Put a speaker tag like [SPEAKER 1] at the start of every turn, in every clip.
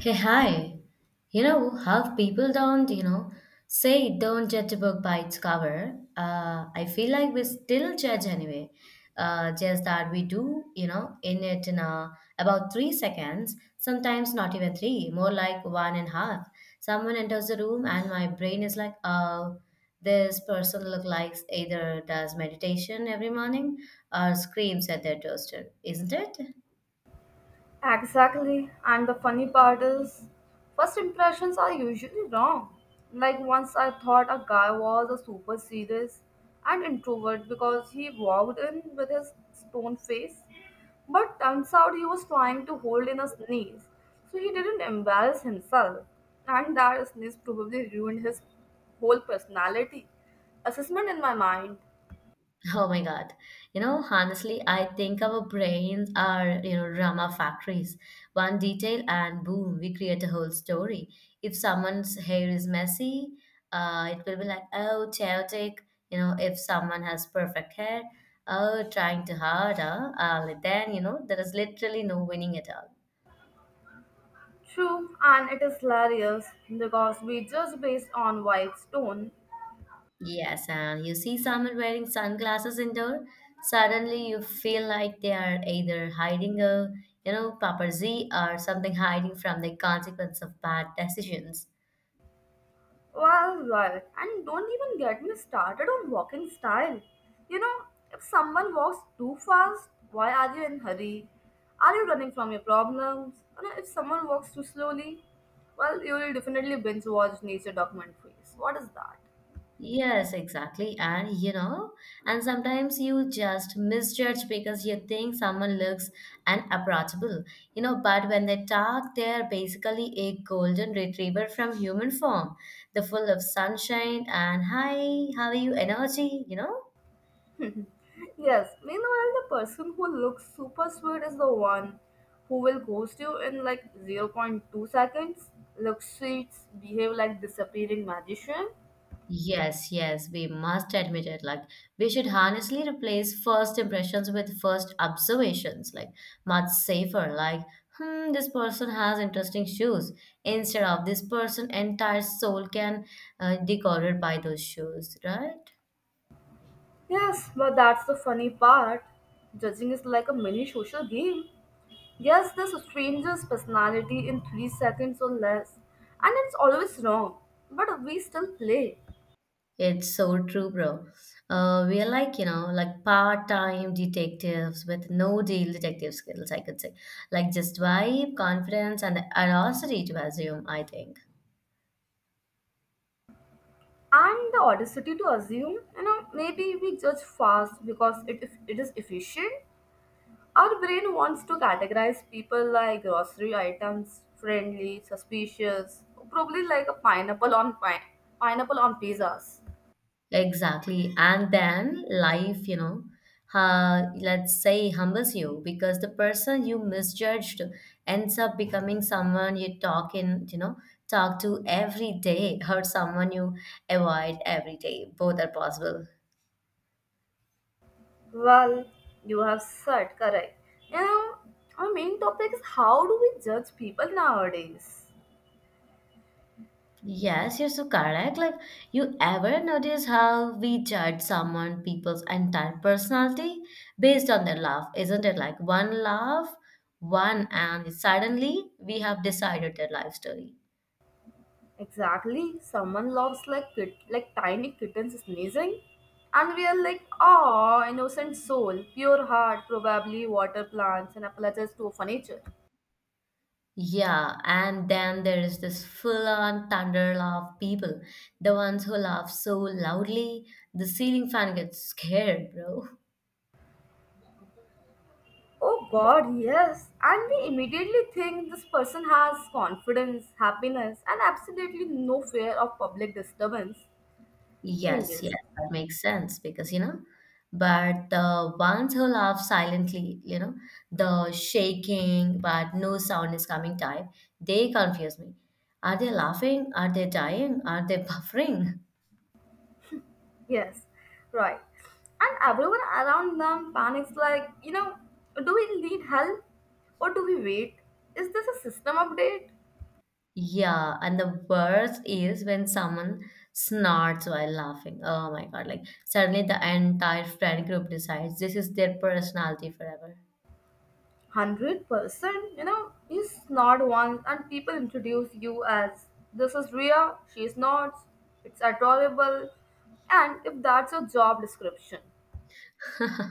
[SPEAKER 1] Hey, hi. You know how people don't, say don't judge a book by its cover. I feel like we still judge anyway. Just that we do, in about 3 seconds, sometimes not even three, more like one and a half. Someone enters the room and my brain is like, oh, this person look like either does meditation every morning or screams at their toaster, isn't it?
[SPEAKER 2] Exactly. And the funny part is, first impressions are usually wrong. Like once I thought a guy was a super serious and introvert because he walked in with his stone face. But turns out he was trying to hold in a sneeze, so he didn't embarrass himself. And that sneeze probably ruined his whole personality. Assessment in my mind.
[SPEAKER 1] Oh my God. You know, honestly, I think our brains are, drama factories. One detail and boom, we create a whole story. If someone's hair is messy, it will be like, oh, chaotic. You know, if someone has perfect hair, oh, trying too hard, huh? Then, there is literally no winning at all.
[SPEAKER 2] True, and it is hilarious because we judge based on vibes, tone.
[SPEAKER 1] Yes, and you see someone wearing sunglasses indoor, suddenly you feel like they are either hiding a, paparazzi or something hiding from the consequence of bad decisions.
[SPEAKER 2] Well, and don't even get me started on walking style. You know, if someone walks too fast, why are you in hurry? Are you running from your problems? If someone walks too slowly, well, you will definitely binge watch nature documentaries. What is that?
[SPEAKER 1] Yes, exactly. And sometimes you just misjudge because you think someone looks unapproachable, but when they talk, they're basically a golden retriever from human form, the full of sunshine and hi, how are you energy, you know?
[SPEAKER 2] Yes, meanwhile, the person who looks super sweet is the one who will ghost you in like zero point 0.2 seconds, look sweet, behave like disappearing magician.
[SPEAKER 1] Yes, yes, we must admit it. Like, we should honestly replace first impressions with first observations, like, much safer. Like, this person has interesting shoes, instead of this person, entire soul can decoded by those shoes, right?
[SPEAKER 2] Yes, but that's the funny part. Judging is like a mini social game. Guess this stranger's personality in 3 seconds or less, and it's always wrong, but we still play.
[SPEAKER 1] It's so true, bro. We are like, like part-time detectives with no deal detective skills, I could say. Like, just vibe, confidence, and the audacity to assume, I think.
[SPEAKER 2] And the audacity to assume, maybe we judge fast because if it is efficient. Our brain wants to categorize people like grocery items, friendly, suspicious, probably like a pineapple on pizzas.
[SPEAKER 1] Exactly. And then life, let's say humbles you because the person you misjudged ends up becoming someone you talk in, you know, talk to every day or someone you avoid every day. Both are possible.
[SPEAKER 2] Well, you have said correct. Now our main topic is, how do we judge people nowadays?
[SPEAKER 1] Yes, you're so correct. Like, you ever notice how we judge someone, people's entire personality based on their laugh? Isn't it like one laugh, one, and suddenly we have decided their life story?
[SPEAKER 2] Exactly. Someone loves like like tiny kittens sneezing, and we are like, oh, innocent soul, pure heart, probably water plants and apologizes to furniture.
[SPEAKER 1] Yeah, and then there is this full on thunder laugh people, the ones who laugh so loudly, the ceiling fan gets scared, bro.
[SPEAKER 2] Oh God, yes. And we immediately think this person has confidence, happiness, and absolutely no fear of public disturbance.
[SPEAKER 1] Yes, yes,
[SPEAKER 2] Changes.
[SPEAKER 1] that makes sense because but the ones who laugh silently, the shaking but no sound is coming type, they confuse me. Are they laughing? Are they dying? Are they buffering?
[SPEAKER 2] Yes, right. And everyone around them panics like, do we need help or do we wait? Is this a system update?
[SPEAKER 1] Yeah, and the worst is when someone snorts while laughing. Oh my God, like suddenly the entire friend group decides this is their personality forever.
[SPEAKER 2] 100%. You snort once and people introduce you as, this is Ria, she snorts, it's adorable. And if that's your job description,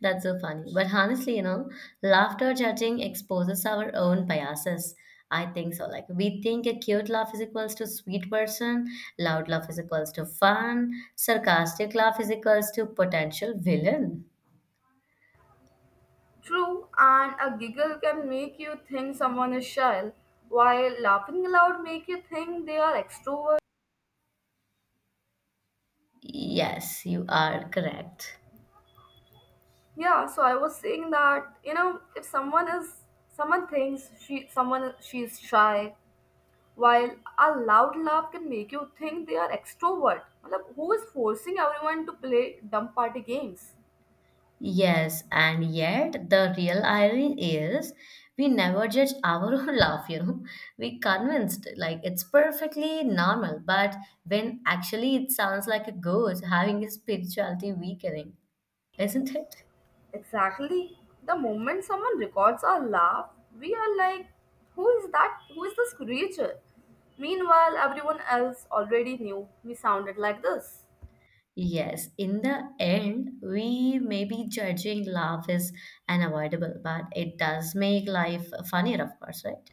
[SPEAKER 1] That's so funny. But honestly, laughter judging exposes our own biases. I think so. Like we think a cute laugh is equals to sweet person, loud laugh is equals to fun, sarcastic laugh is equals to potential villain.
[SPEAKER 2] true, and a giggle can make you think someone is shy, while laughing aloud make you think they are extrovert.
[SPEAKER 1] Yes, you are correct.
[SPEAKER 2] Yeah, so I was saying that, if someone is someone thinks she someone she's shy, while a loud laugh can make you think they are extrovert. Matlab, who is forcing everyone to play dumb party games?
[SPEAKER 1] Yes, and yet the real irony is we never judge our own laugh, you know. We convinced like it's perfectly normal, but when actually it sounds like a ghost having a spirituality weakening, isn't it?
[SPEAKER 2] Exactly. The moment someone records our laugh, we are like, who is that? Who is this creature? Meanwhile, everyone else already knew we sounded like this.
[SPEAKER 1] Yes, in the end, we may be judging laugh is unavoidable, but it does make life funnier, of course, right?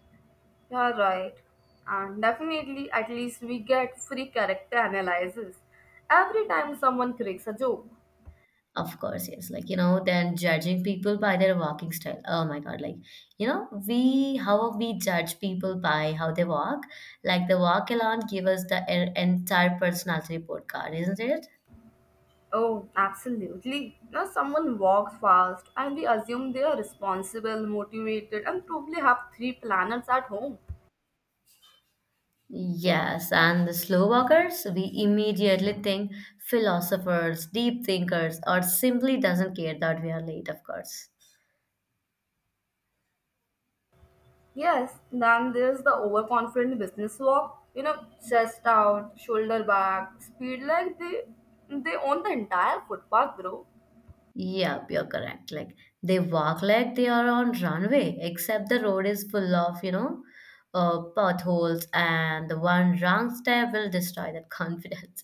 [SPEAKER 2] You're right. And definitely, at least we get free character analysis every time someone cracks a joke.
[SPEAKER 1] Of course, yes. Like, then judging people by their walking style. Oh my God. Like, how we judge people by how they walk, like the walk alone give us the entire personality report card, isn't it?
[SPEAKER 2] Oh, absolutely. Now, someone walks fast, and we assume they are responsible, motivated, and probably have three planets at home.
[SPEAKER 1] Yes. And the slow walkers, we immediately think philosophers, deep thinkers, or simply doesn't care that we are late, of course.
[SPEAKER 2] Yes, then there's the overconfident business walk. Chest out, shoulder back, speed like they own the entire footpath, bro.
[SPEAKER 1] Yeah, you're correct. Like they walk like they are on runway, except the road is full of, potholes, and the one wrong step will destroy that confidence.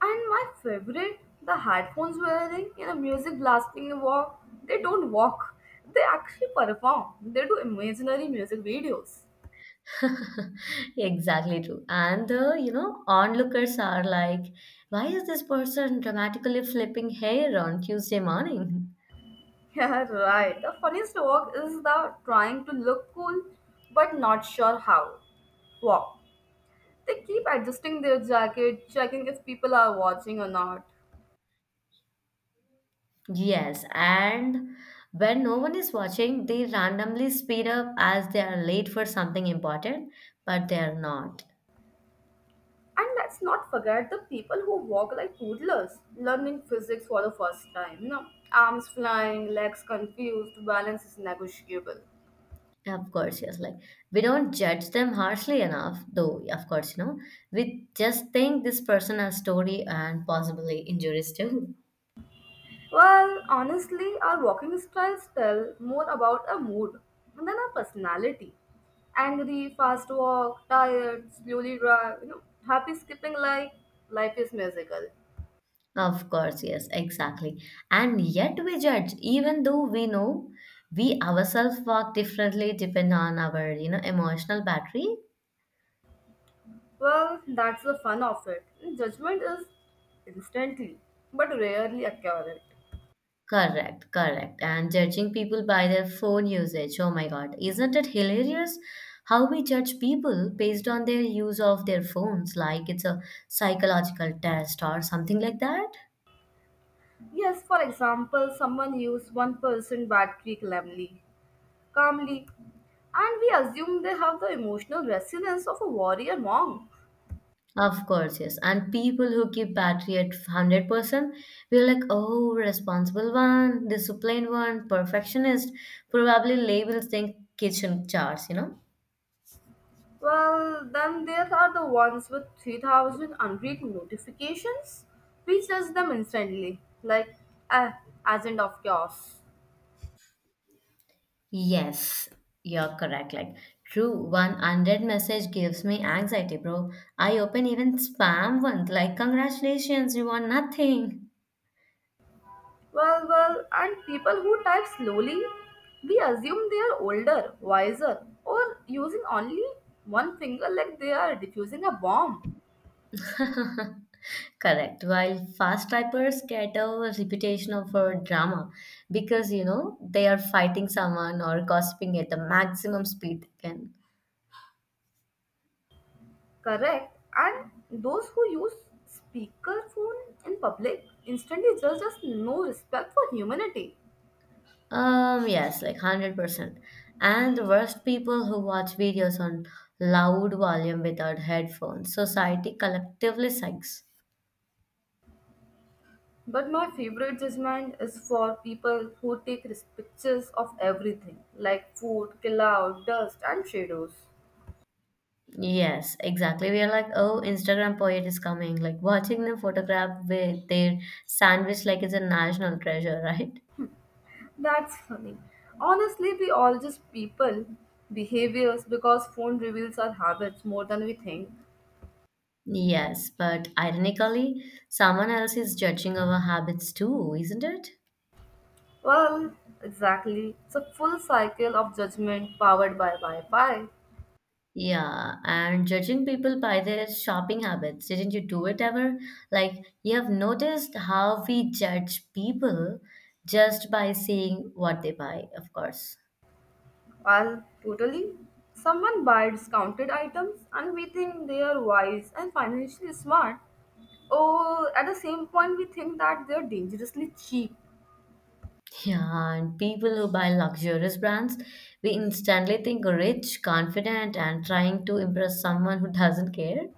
[SPEAKER 2] And my favorite, the headphones wearing, music blasting a walk. They don't walk. They actually perform. They do imaginary music videos.
[SPEAKER 1] Exactly true. And the onlookers are like, why is this person dramatically flipping hair on Tuesday morning?
[SPEAKER 2] Yeah, right. The funniest walk is the trying to look cool but not sure how walk. They keep adjusting their jacket, checking if people are watching or not.
[SPEAKER 1] Yes, and when no one is watching, they randomly speed up as they are late for something important, but they are not.
[SPEAKER 2] And let's not forget the people who walk like toddlers, learning physics for the first time. Arms flying, legs confused, balance is negotiable.
[SPEAKER 1] Of course, yes. Like we don't judge them harshly enough, though. Yeah, of course, we just think this person has story and possibly injuries too.
[SPEAKER 2] Well, honestly, our walking styles tell more about a mood than our personality. Angry, fast walk, tired, slowly drive, happy skipping like life is musical.
[SPEAKER 1] Of course, yes, exactly. And yet we judge, even though we know we ourselves walk differently depending on our emotional battery.
[SPEAKER 2] Well, that's the fun of it. Judgment is instantly, but rarely accurate.
[SPEAKER 1] Correct, correct. And judging people by their phone usage, oh my God, isn't it hilarious how we judge people based on their use of their phones, like it's a psychological test or something like that?
[SPEAKER 2] Yes, for example, someone used one person battery calmly, and we assume they have the emotional resilience of a warrior monk.
[SPEAKER 1] Of course, yes. And people who keep battery at 100%, we're like, oh, responsible one, disciplined one, perfectionist, probably labels think kitchen jars, you know?
[SPEAKER 2] Well, then there are the ones with 3,000 unread notifications. We judge them instantly, like, ah, agent of chaos.
[SPEAKER 1] Yes, you're correct. Like, true, 100 message gives me anxiety, bro. I open even spam one, like, congratulations, you won nothing.
[SPEAKER 2] Well, and people who type slowly, we assume they are older, wiser, or using only one finger like they are diffusing a bomb.
[SPEAKER 1] Correct. While fast typers get a reputation of a drama because, they are fighting someone or gossiping at the maximum speed they can.
[SPEAKER 2] Correct. And those who use speakerphone in public instantly judge us, no respect for humanity.
[SPEAKER 1] Yes, like 100%. And the worst people who watch videos on loud volume without headphones, society collectively sucks.
[SPEAKER 2] But my favorite judgment is for people who take pictures of everything, like food, cloud, dust, and shadows.
[SPEAKER 1] Yes, exactly. We are like, oh, Instagram poet is coming. Like watching them photograph with their sandwich like it's a national treasure, right?
[SPEAKER 2] That's funny. Honestly, we all just people behaviors because phone reveals our habits more than we think.
[SPEAKER 1] Yes, but ironically, someone else is judging our habits too, isn't it?
[SPEAKER 2] Well, exactly. It's a full cycle of judgment powered by Wi Fi.
[SPEAKER 1] Yeah, and judging people by their shopping habits. Didn't you do it ever? Like, you have noticed how we judge people just by seeing what they buy, of course.
[SPEAKER 2] Well, totally. Someone buys discounted items and we think they are wise and financially smart. Or at the same point, we think that they are dangerously cheap.
[SPEAKER 1] Yeah, and people who buy luxurious brands, we instantly think rich, confident, and trying to impress someone who doesn't care.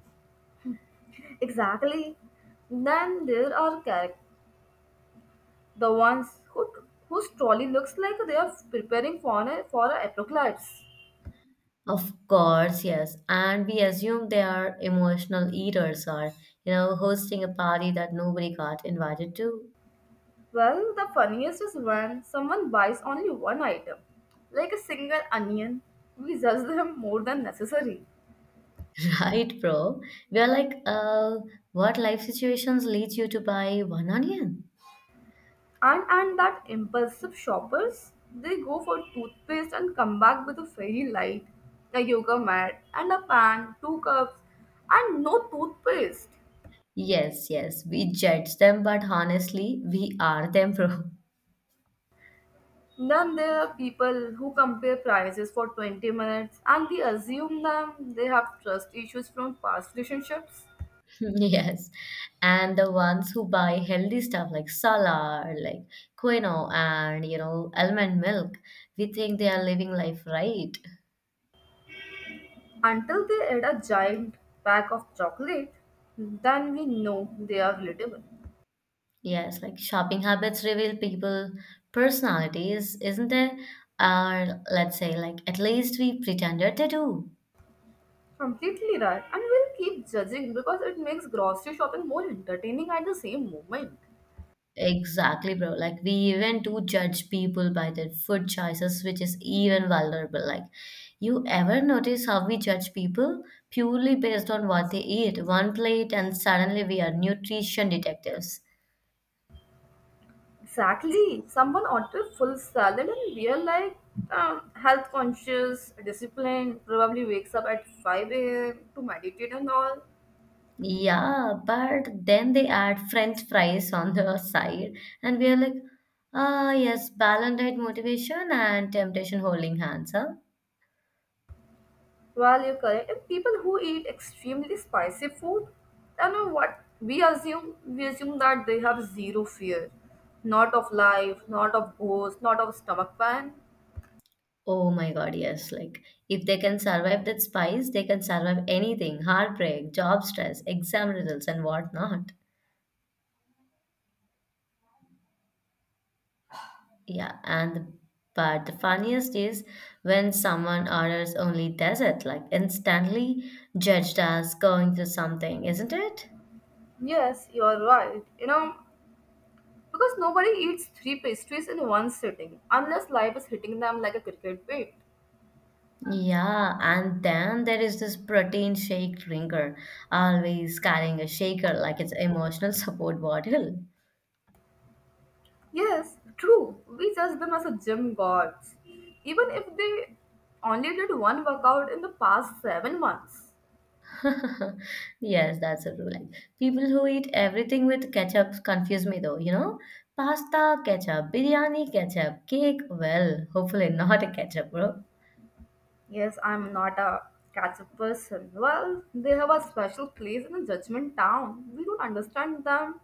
[SPEAKER 2] Exactly. Then there are characters, the ones who, whose trolley looks like they are preparing for an for a apocalypse.
[SPEAKER 1] Of course, yes. And we assume they are emotional eaters or, hosting a party that nobody got invited to.
[SPEAKER 2] Well, the funniest is when someone buys only one item, like a single onion. We judge them more than necessary.
[SPEAKER 1] Right, bro? We are like, what life situations leads you to buy one onion?
[SPEAKER 2] And that impulsive shoppers, they go for toothpaste and come back with a fairy light, a yoga mat, and a pan, two cups, and no toothpaste.
[SPEAKER 1] Yes, yes. We judge them, but honestly, we are them, bro.
[SPEAKER 2] Then there are people who compare prices for 20 minutes and we assume them they have trust issues from past relationships.
[SPEAKER 1] Yes, and the ones who buy healthy stuff like salad, or like quinoa, and almond milk, we think they are living life right.
[SPEAKER 2] Until they add a giant pack of chocolate, then we know they are relatable.
[SPEAKER 1] Yes, like shopping habits reveal people personalities, isn't there? Or let's say, like, at least we pretended they do.
[SPEAKER 2] Completely right. And we'll keep judging because it makes grocery shopping more entertaining at the same moment.
[SPEAKER 1] Exactly, bro. Like we even do judge people by their food choices, which is even vulnerable. Like you ever notice how we judge people purely based on what they eat, one plate, and suddenly we are nutrition detectives.
[SPEAKER 2] Exactly. Someone ordered full salad and we are like, health conscious, disciplined, probably wakes up at 5 a.m. to meditate and all.
[SPEAKER 1] Yeah, but then they add French fries on the side, and we are like, ah, yes, balanced diet motivation and temptation holding hands, huh?
[SPEAKER 2] While you're correct, and people who eat extremely spicy food, I know what we assume. We assume that they have zero fear, not of life, not of ghosts, not of stomach pain.
[SPEAKER 1] Oh my God, yes. Like, if they can survive that spice, they can survive anything, heartbreak, job stress, exam results, and whatnot. Yeah, and but the funniest is when someone orders only dessert, like instantly judged as going through something, isn't it?
[SPEAKER 2] Yes, you're right. Because nobody eats three pastries in one sitting unless life is hitting them like a cricket bat.
[SPEAKER 1] Yeah, and then there is this protein shake drinker, always carrying a shaker like it's emotional support bottle.
[SPEAKER 2] Yes, true. We judge them as a gym gods, even if they only did one workout in the past 7 months.
[SPEAKER 1] Yes, that's a rule. Like people who eat everything with ketchup confuse me though, you know? Pasta, ketchup, biryani, ketchup, cake, well, hopefully not a ketchup, bro.
[SPEAKER 2] Yes, I'm not a catch-up person. Well, they have a special place in the judgment town. We don't understand them,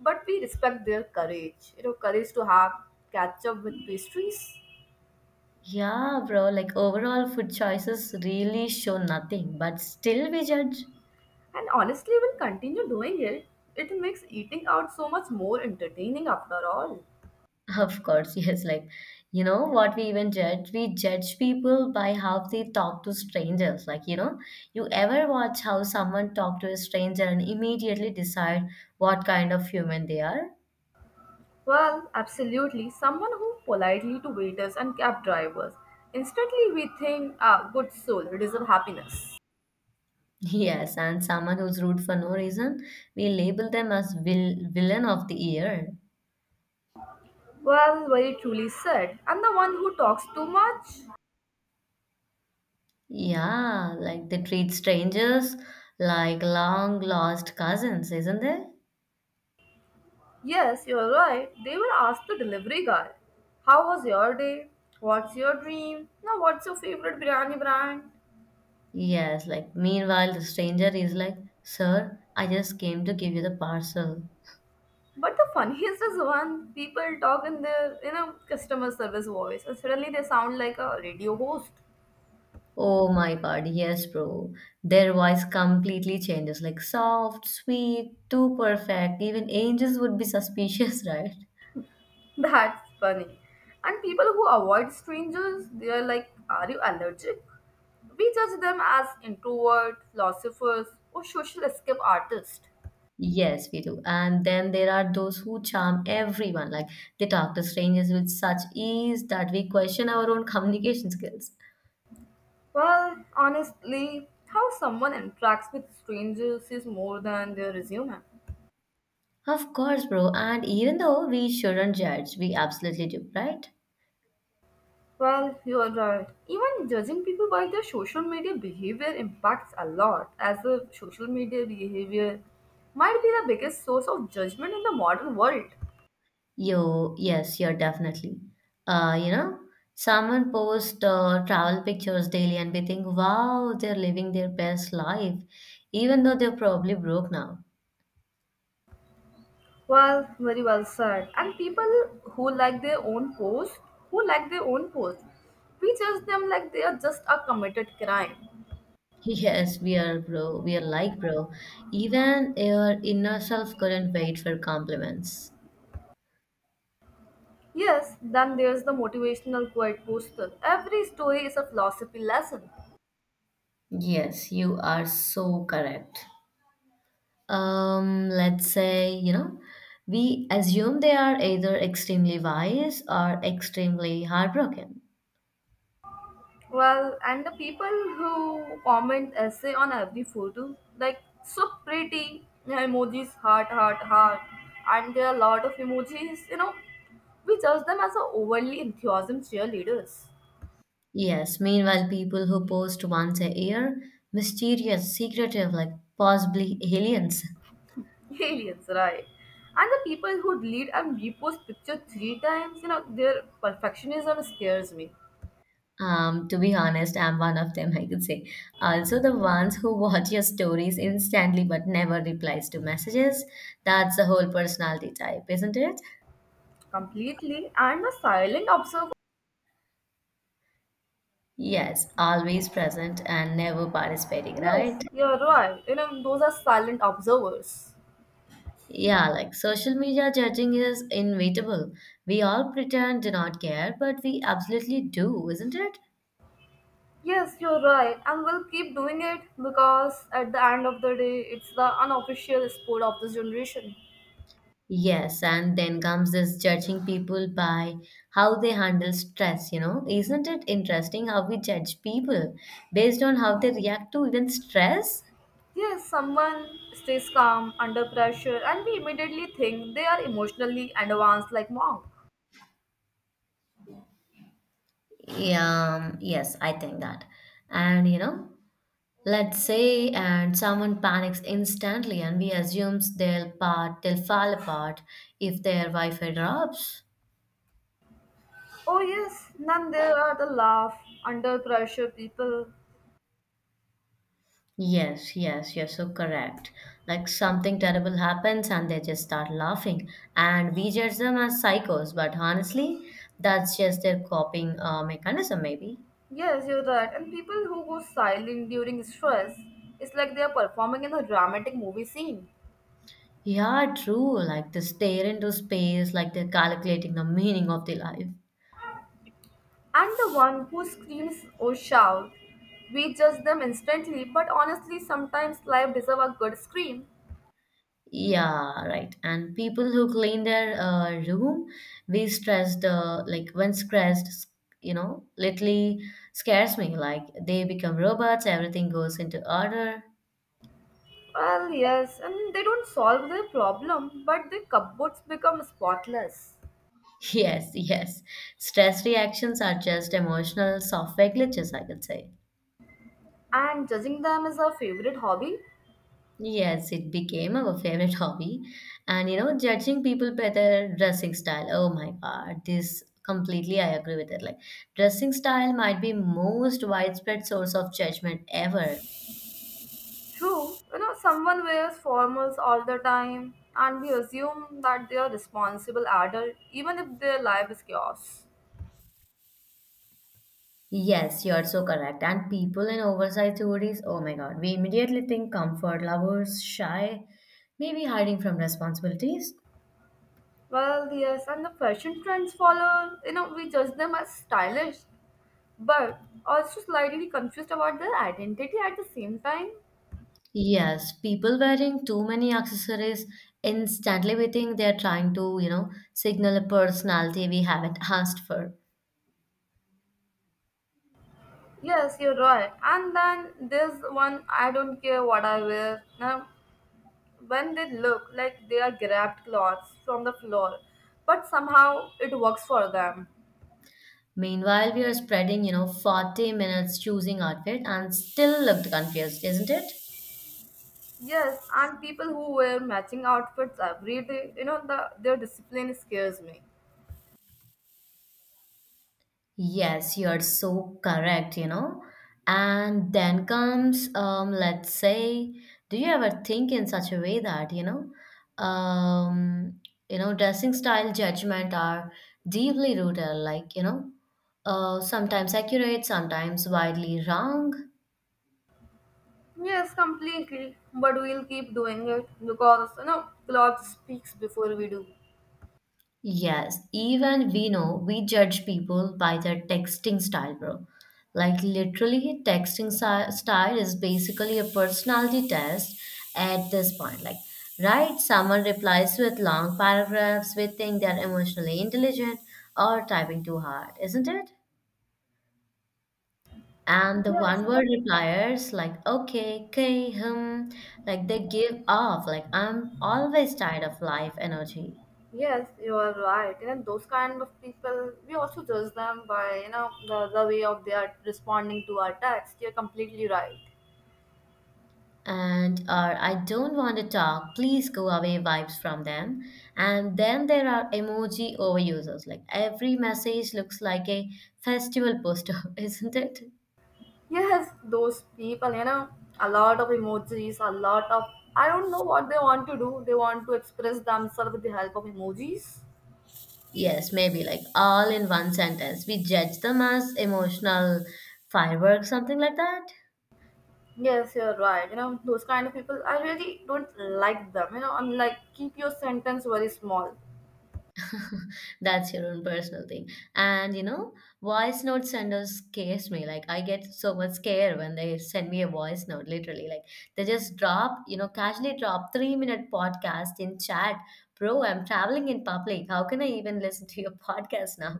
[SPEAKER 2] but we respect their courage. Courage to have catch-up with pastries.
[SPEAKER 1] Yeah, bro, like overall food choices really show nothing, but still we judge.
[SPEAKER 2] And honestly, when continue doing it, it makes eating out so much more entertaining after all.
[SPEAKER 1] Of course, yes, like you know what we even judge? We judge people by how they talk to strangers. Like, you ever watch how someone talk to a stranger and immediately decide what kind of human they are?
[SPEAKER 2] Well, absolutely. Someone who politely to waiters and cab drivers. Instantly we think, ah, good soul, deserve happiness.
[SPEAKER 1] Yes, and someone who's rude for no reason, we label them as villain of the year.
[SPEAKER 2] Well, very truly said. And the one who talks too much?
[SPEAKER 1] Yeah, like they treat strangers like long lost cousins, isn't there?
[SPEAKER 2] Yes, you're right. They will ask the delivery guy, how was your day? What's your dream? Now, what's your favorite biryani brand?
[SPEAKER 1] Yes, like meanwhile, the stranger is like, Sir, I just came to give you the parcel.
[SPEAKER 2] But the funniest is when people talk in their, customer service voice and suddenly they sound like a radio host.
[SPEAKER 1] Oh my God, yes, bro. Their voice completely changes, like soft, sweet, too perfect. Even angels would be suspicious, right?
[SPEAKER 2] That's funny. And people who avoid strangers, they are like, are you allergic? We judge them as introvert, philosophers, or social escape artists.
[SPEAKER 1] Yes, we do. And then there are those who charm everyone. Like they talk to strangers with such ease that we question our own communication skills.
[SPEAKER 2] Well, honestly, how someone interacts with strangers is more than their resume.
[SPEAKER 1] Of course, bro. And even though we shouldn't judge, we absolutely do, right?
[SPEAKER 2] Well, you are right. Even judging people by their social media behavior impacts a lot, as the social media behavior might be the biggest source of judgment in the modern world.
[SPEAKER 1] Yo, yes, you're definitely. Uh, you know, someone posts travel pictures daily and we think, wow, they're living their best life, even though they're probably broke now.
[SPEAKER 2] Well, very well said. And people who like their own post, who like their own post, we judge them like they are just a committed crime.
[SPEAKER 1] Yes, we are, bro. We are like, bro. Even your inner self couldn't wait for compliments.
[SPEAKER 2] Yes, then there's the motivational quote poster. Every story is a philosophy lesson.
[SPEAKER 1] Yes, you are so correct. Let's say, we assume they are either extremely wise or extremely heartbroken.
[SPEAKER 2] Well, and the people who comment essay on every photo, like so pretty. Yeah, emojis, heart, heart, heart, and there are a lot of emojis. We judge them as a overly enthusiasm cheerleaders.
[SPEAKER 1] Yes, meanwhile, people who post once a year, mysterious, secretive, like possibly aliens.
[SPEAKER 2] Aliens, right? And the people who delete and repost picture three times, their perfectionism scares me
[SPEAKER 1] To be honest, I'm one of them, I could say. Also, the ones who watch your stories instantly but never replies to messages. That's the whole personality type, isn't it?
[SPEAKER 2] completely. And the silent observer,
[SPEAKER 1] Yes, always present and never participating,
[SPEAKER 2] yes,
[SPEAKER 1] right?
[SPEAKER 2] you're right. Those are silent observers.
[SPEAKER 1] Yeah, like social media judging is inevitable. We all pretend to not care, but we absolutely do, isn't it?
[SPEAKER 2] Yes, you're right, and we'll keep doing it because at the end of the day, it's the unofficial sport of this generation.
[SPEAKER 1] Yes, and then comes this judging people by how they handle stress, you know. Isn't it interesting how we judge people based on how they react to even stress?
[SPEAKER 2] Yes, someone stays calm under pressure, and we immediately think they are emotionally advanced like monk.
[SPEAKER 1] Yeah, yes, I think that. And you know, let's say and someone panics instantly and we assumes they'll fall apart if their Wi-Fi drops.
[SPEAKER 2] Oh yes, then there are the laugh under pressure people.
[SPEAKER 1] Yes, you're so correct. Like something terrible happens and they just start laughing, and we judge them as psychos, but honestly, that's just their coping mechanism, maybe.
[SPEAKER 2] Yes, you're right, and people who go silent during stress, it's like they are performing in a dramatic movie scene.
[SPEAKER 1] Yeah, true. Like they stare into space, like they're calculating the meaning of the life.
[SPEAKER 2] And the one who screams or shout, we judge them instantly, but honestly, sometimes life deserves a good scream.
[SPEAKER 1] Yeah, right. And people who clean their room, like when stressed, literally scares me. Like they become robots, everything goes into order.
[SPEAKER 2] Well, yes, and they don't solve their problem, but their cupboards become spotless.
[SPEAKER 1] Yes. Stress reactions are just emotional software glitches, I could say.
[SPEAKER 2] And judging them is our favorite hobby.
[SPEAKER 1] Yes, it became our favorite hobby. And you know, judging people by their dressing style. Oh my God, this completely I agree with it. Like, dressing style might be most widespread source of judgment ever.
[SPEAKER 2] True, someone wears formals all the time, and we assume that they are responsible adult, even if their life is chaos.
[SPEAKER 1] Yes, you're so correct. And people in oversized hoodies, oh my God, we immediately think comfort lovers, shy, maybe hiding from responsibilities.
[SPEAKER 2] Well, yes, and the fashion trends follow, we judge them as stylish, but also slightly confused about their identity at the same time.
[SPEAKER 1] Yes, people wearing too many accessories instantly we think they are trying to, you know, signal a personality we haven't asked for.
[SPEAKER 2] Yes, you're right. And then there's one, I don't care what I wear. Now, when they look like they are grabbed clothes from the floor, but somehow it works for them.
[SPEAKER 1] Meanwhile, we are spreading, you know, 40 minutes choosing outfit and still looked confused, isn't it?
[SPEAKER 2] Yes, and people who wear matching outfits every day, their discipline scares me.
[SPEAKER 1] Yes, you're so correct, you know. And then comes, let's say, do you ever think in such a way that, um, you know, dressing style judgment are deeply rooted, like, sometimes accurate, sometimes widely wrong.
[SPEAKER 2] Yes, completely. But we'll keep doing it because, clothes speaks before we do.
[SPEAKER 1] Yes, even we know we judge people by their texting style, bro. Like literally, texting style is basically a personality test at this point. Like, right, someone replies with long paragraphs, we think they're emotionally intelligent or typing too hard, isn't it? And the
[SPEAKER 2] Yes,
[SPEAKER 1] one word repliers like okay, okay, hmm, like they give off like I'm always tired of life energy.
[SPEAKER 2] Yes, you are right. Those kind of people, we also judge them by, the way of they are responding to our text. You're completely right.
[SPEAKER 1] And are I don't want to talk, please go away vibes from them. And then there are emoji overusers. Like every message looks like a festival poster, isn't it?
[SPEAKER 2] Yes, those people, a lot of emojis, a lot of, I don't know what they want to do. They want to express themselves with the help of emojis.
[SPEAKER 1] Yes, maybe like all in one sentence. We judge them as emotional fireworks, something like that.
[SPEAKER 2] Yes, you're right. Those kind of people, I really don't like them. I'm like, keep your sentence very small.
[SPEAKER 1] That's your own personal thing. And you know, voice note senders scares me. Like I get so much scare when they send me a voice note, literally. Like they just drop, you know, casually drop 3 minute podcast in chat. Bro, I'm traveling in public. How can I even listen to your podcast now?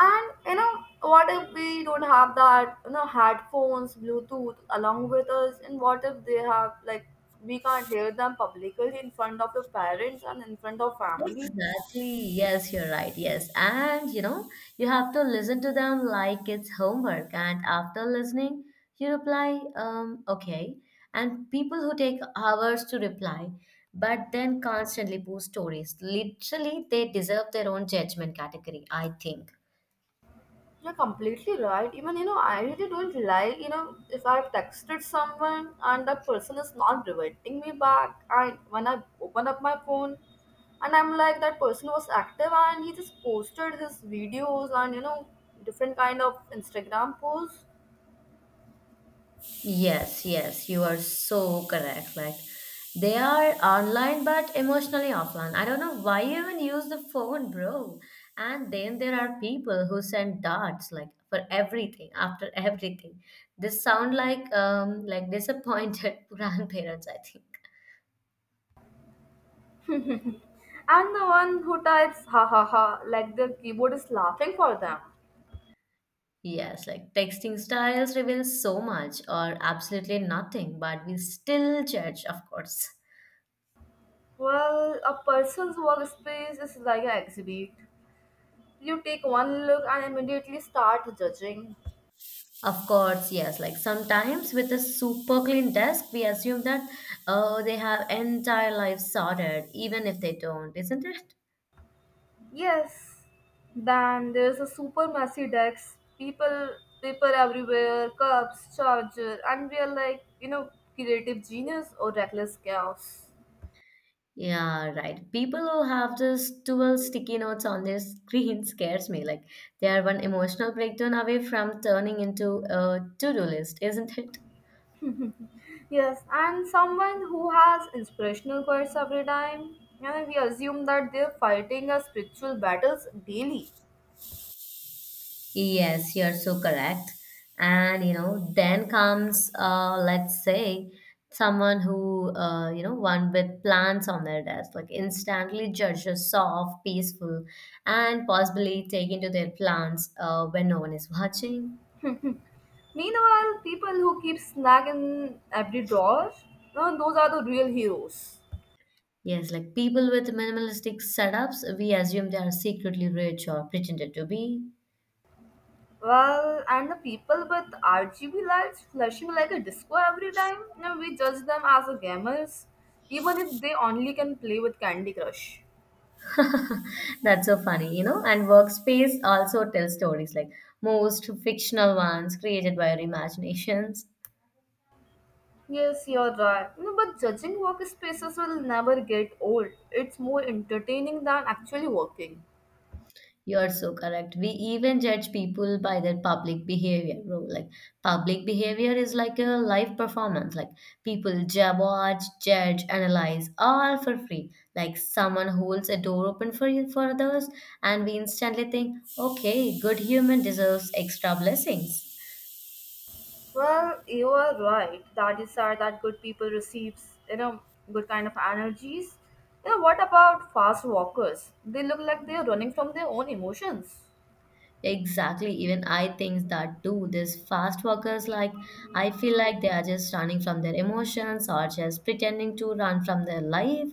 [SPEAKER 2] And what if we don't have that, headphones, Bluetooth along with us? And what if they have, like, we can't hear them publicly in front of your parents and in front of family?
[SPEAKER 1] Exactly. Yes, you're right. Yes. And you know, you have to listen to them like it's homework. And after listening, you reply, okay. And people who take hours to reply, but then constantly post stories, literally, they deserve their own judgment category, I think.
[SPEAKER 2] You're completely right. Even, I really don't like, if I've texted someone and that person is not reverting me back, and when I open up my phone, and I'm like, that person was active and he just posted his videos and different kind of Instagram posts.
[SPEAKER 1] Yes, you are so correct. Like they are online but emotionally offline. I don't know why you even use the phone, bro. And then there are people who send darts like for everything, after everything. They sound like like disappointed grandparents, I think.
[SPEAKER 2] And the one who types ha ha ha like the keyboard is laughing for them.
[SPEAKER 1] Yes, like texting styles reveal so much or absolutely nothing, but we still judge, of course.
[SPEAKER 2] Well, a person's workspace is like an exhibit. You take one look and immediately start judging.
[SPEAKER 1] Of course, yes. Like sometimes with a super clean desk, we assume that oh, they have entire life sorted, even if they don't, isn't it?
[SPEAKER 2] Yes. Then there's a super messy desk. People, paper everywhere, cups, charger, and we are like, creative genius or reckless chaos.
[SPEAKER 1] Yeah, right. People who have just 12 sticky notes on their screen scares me. Like they are one emotional breakdown away from turning into a to-do list, isn't it?
[SPEAKER 2] Yes, and someone who has inspirational quotes every time. And we assume that they're fighting a spiritual battles daily.
[SPEAKER 1] Yes, you're so correct. And you know, then comes let's say someone who one with plants on their desk, like instantly judges soft, peaceful, and possibly take into their plants when no one is watching.
[SPEAKER 2] Meanwhile, people who keep snack in every drawer, no, those are the real heroes.
[SPEAKER 1] Yes, like people with minimalistic setups, we assume they are secretly rich or pretended to be.
[SPEAKER 2] Well, and the people with RGB lights flashing like a disco every time, we judge them as a gamers, even if they only can play with Candy Crush.
[SPEAKER 1] That's so funny, you know. And workspace also tells stories like most fictional ones created by our imaginations.
[SPEAKER 2] Yes, you're right. No, but judging workspaces will never get old. It's more entertaining than actually working.
[SPEAKER 1] You're so correct. We even judge people by their public behavior, bro. Like public behavior is like a live performance. Like people jab, watch, judge, analyze, all for free. Like someone holds a door open for you for others, and we instantly think, okay, good human deserves extra blessings.
[SPEAKER 2] Well, you are right. That is sad that good people receives, good kind of energies. What about fast walkers? They look like they are running from their own emotions.
[SPEAKER 1] Exactly. Even I think that too. These fast walkers, like, I feel like they are just running from their emotions or just pretending to run from their life.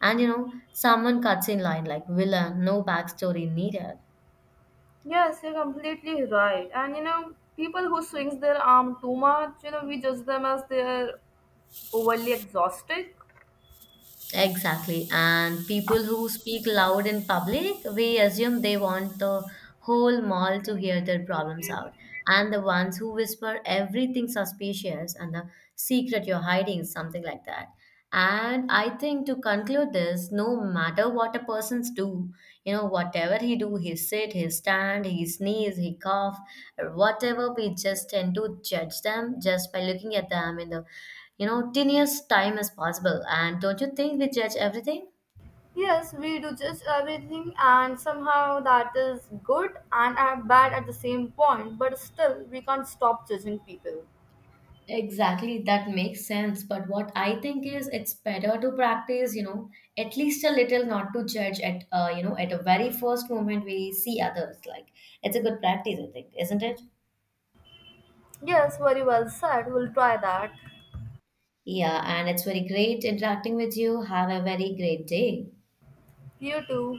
[SPEAKER 1] And you know, someone cuts in line like villain, no backstory needed.
[SPEAKER 2] Yes, you're completely right. And people who swings their arm too much, we judge them as they're overly exhausted.
[SPEAKER 1] Exactly. And people who speak loud in public, we assume they want the whole mall to hear their problems out. And the ones who whisper everything suspicious and the secret you're hiding, something like that. And I think to conclude this, no matter what a person's do, you know, whatever he do, he sit, he stand, he sneeze, he cough, or whatever, we just tend to judge them just by looking at them in the you know, 10 years' time is possible. And don't you think we judge everything?
[SPEAKER 2] Yes, we do judge everything, and somehow that is good and bad at the same point, but still, we can't stop judging people.
[SPEAKER 1] Exactly, that makes sense. But what I think is it's better to practice, you know, at least a little, not to judge at, you know, at a very first moment we see others. Like, it's a good practice, I think, isn't it?
[SPEAKER 2] Yes, very well said. We'll try that.
[SPEAKER 1] Yeah, and it's very great interacting with you. Have a very great day.
[SPEAKER 2] You too.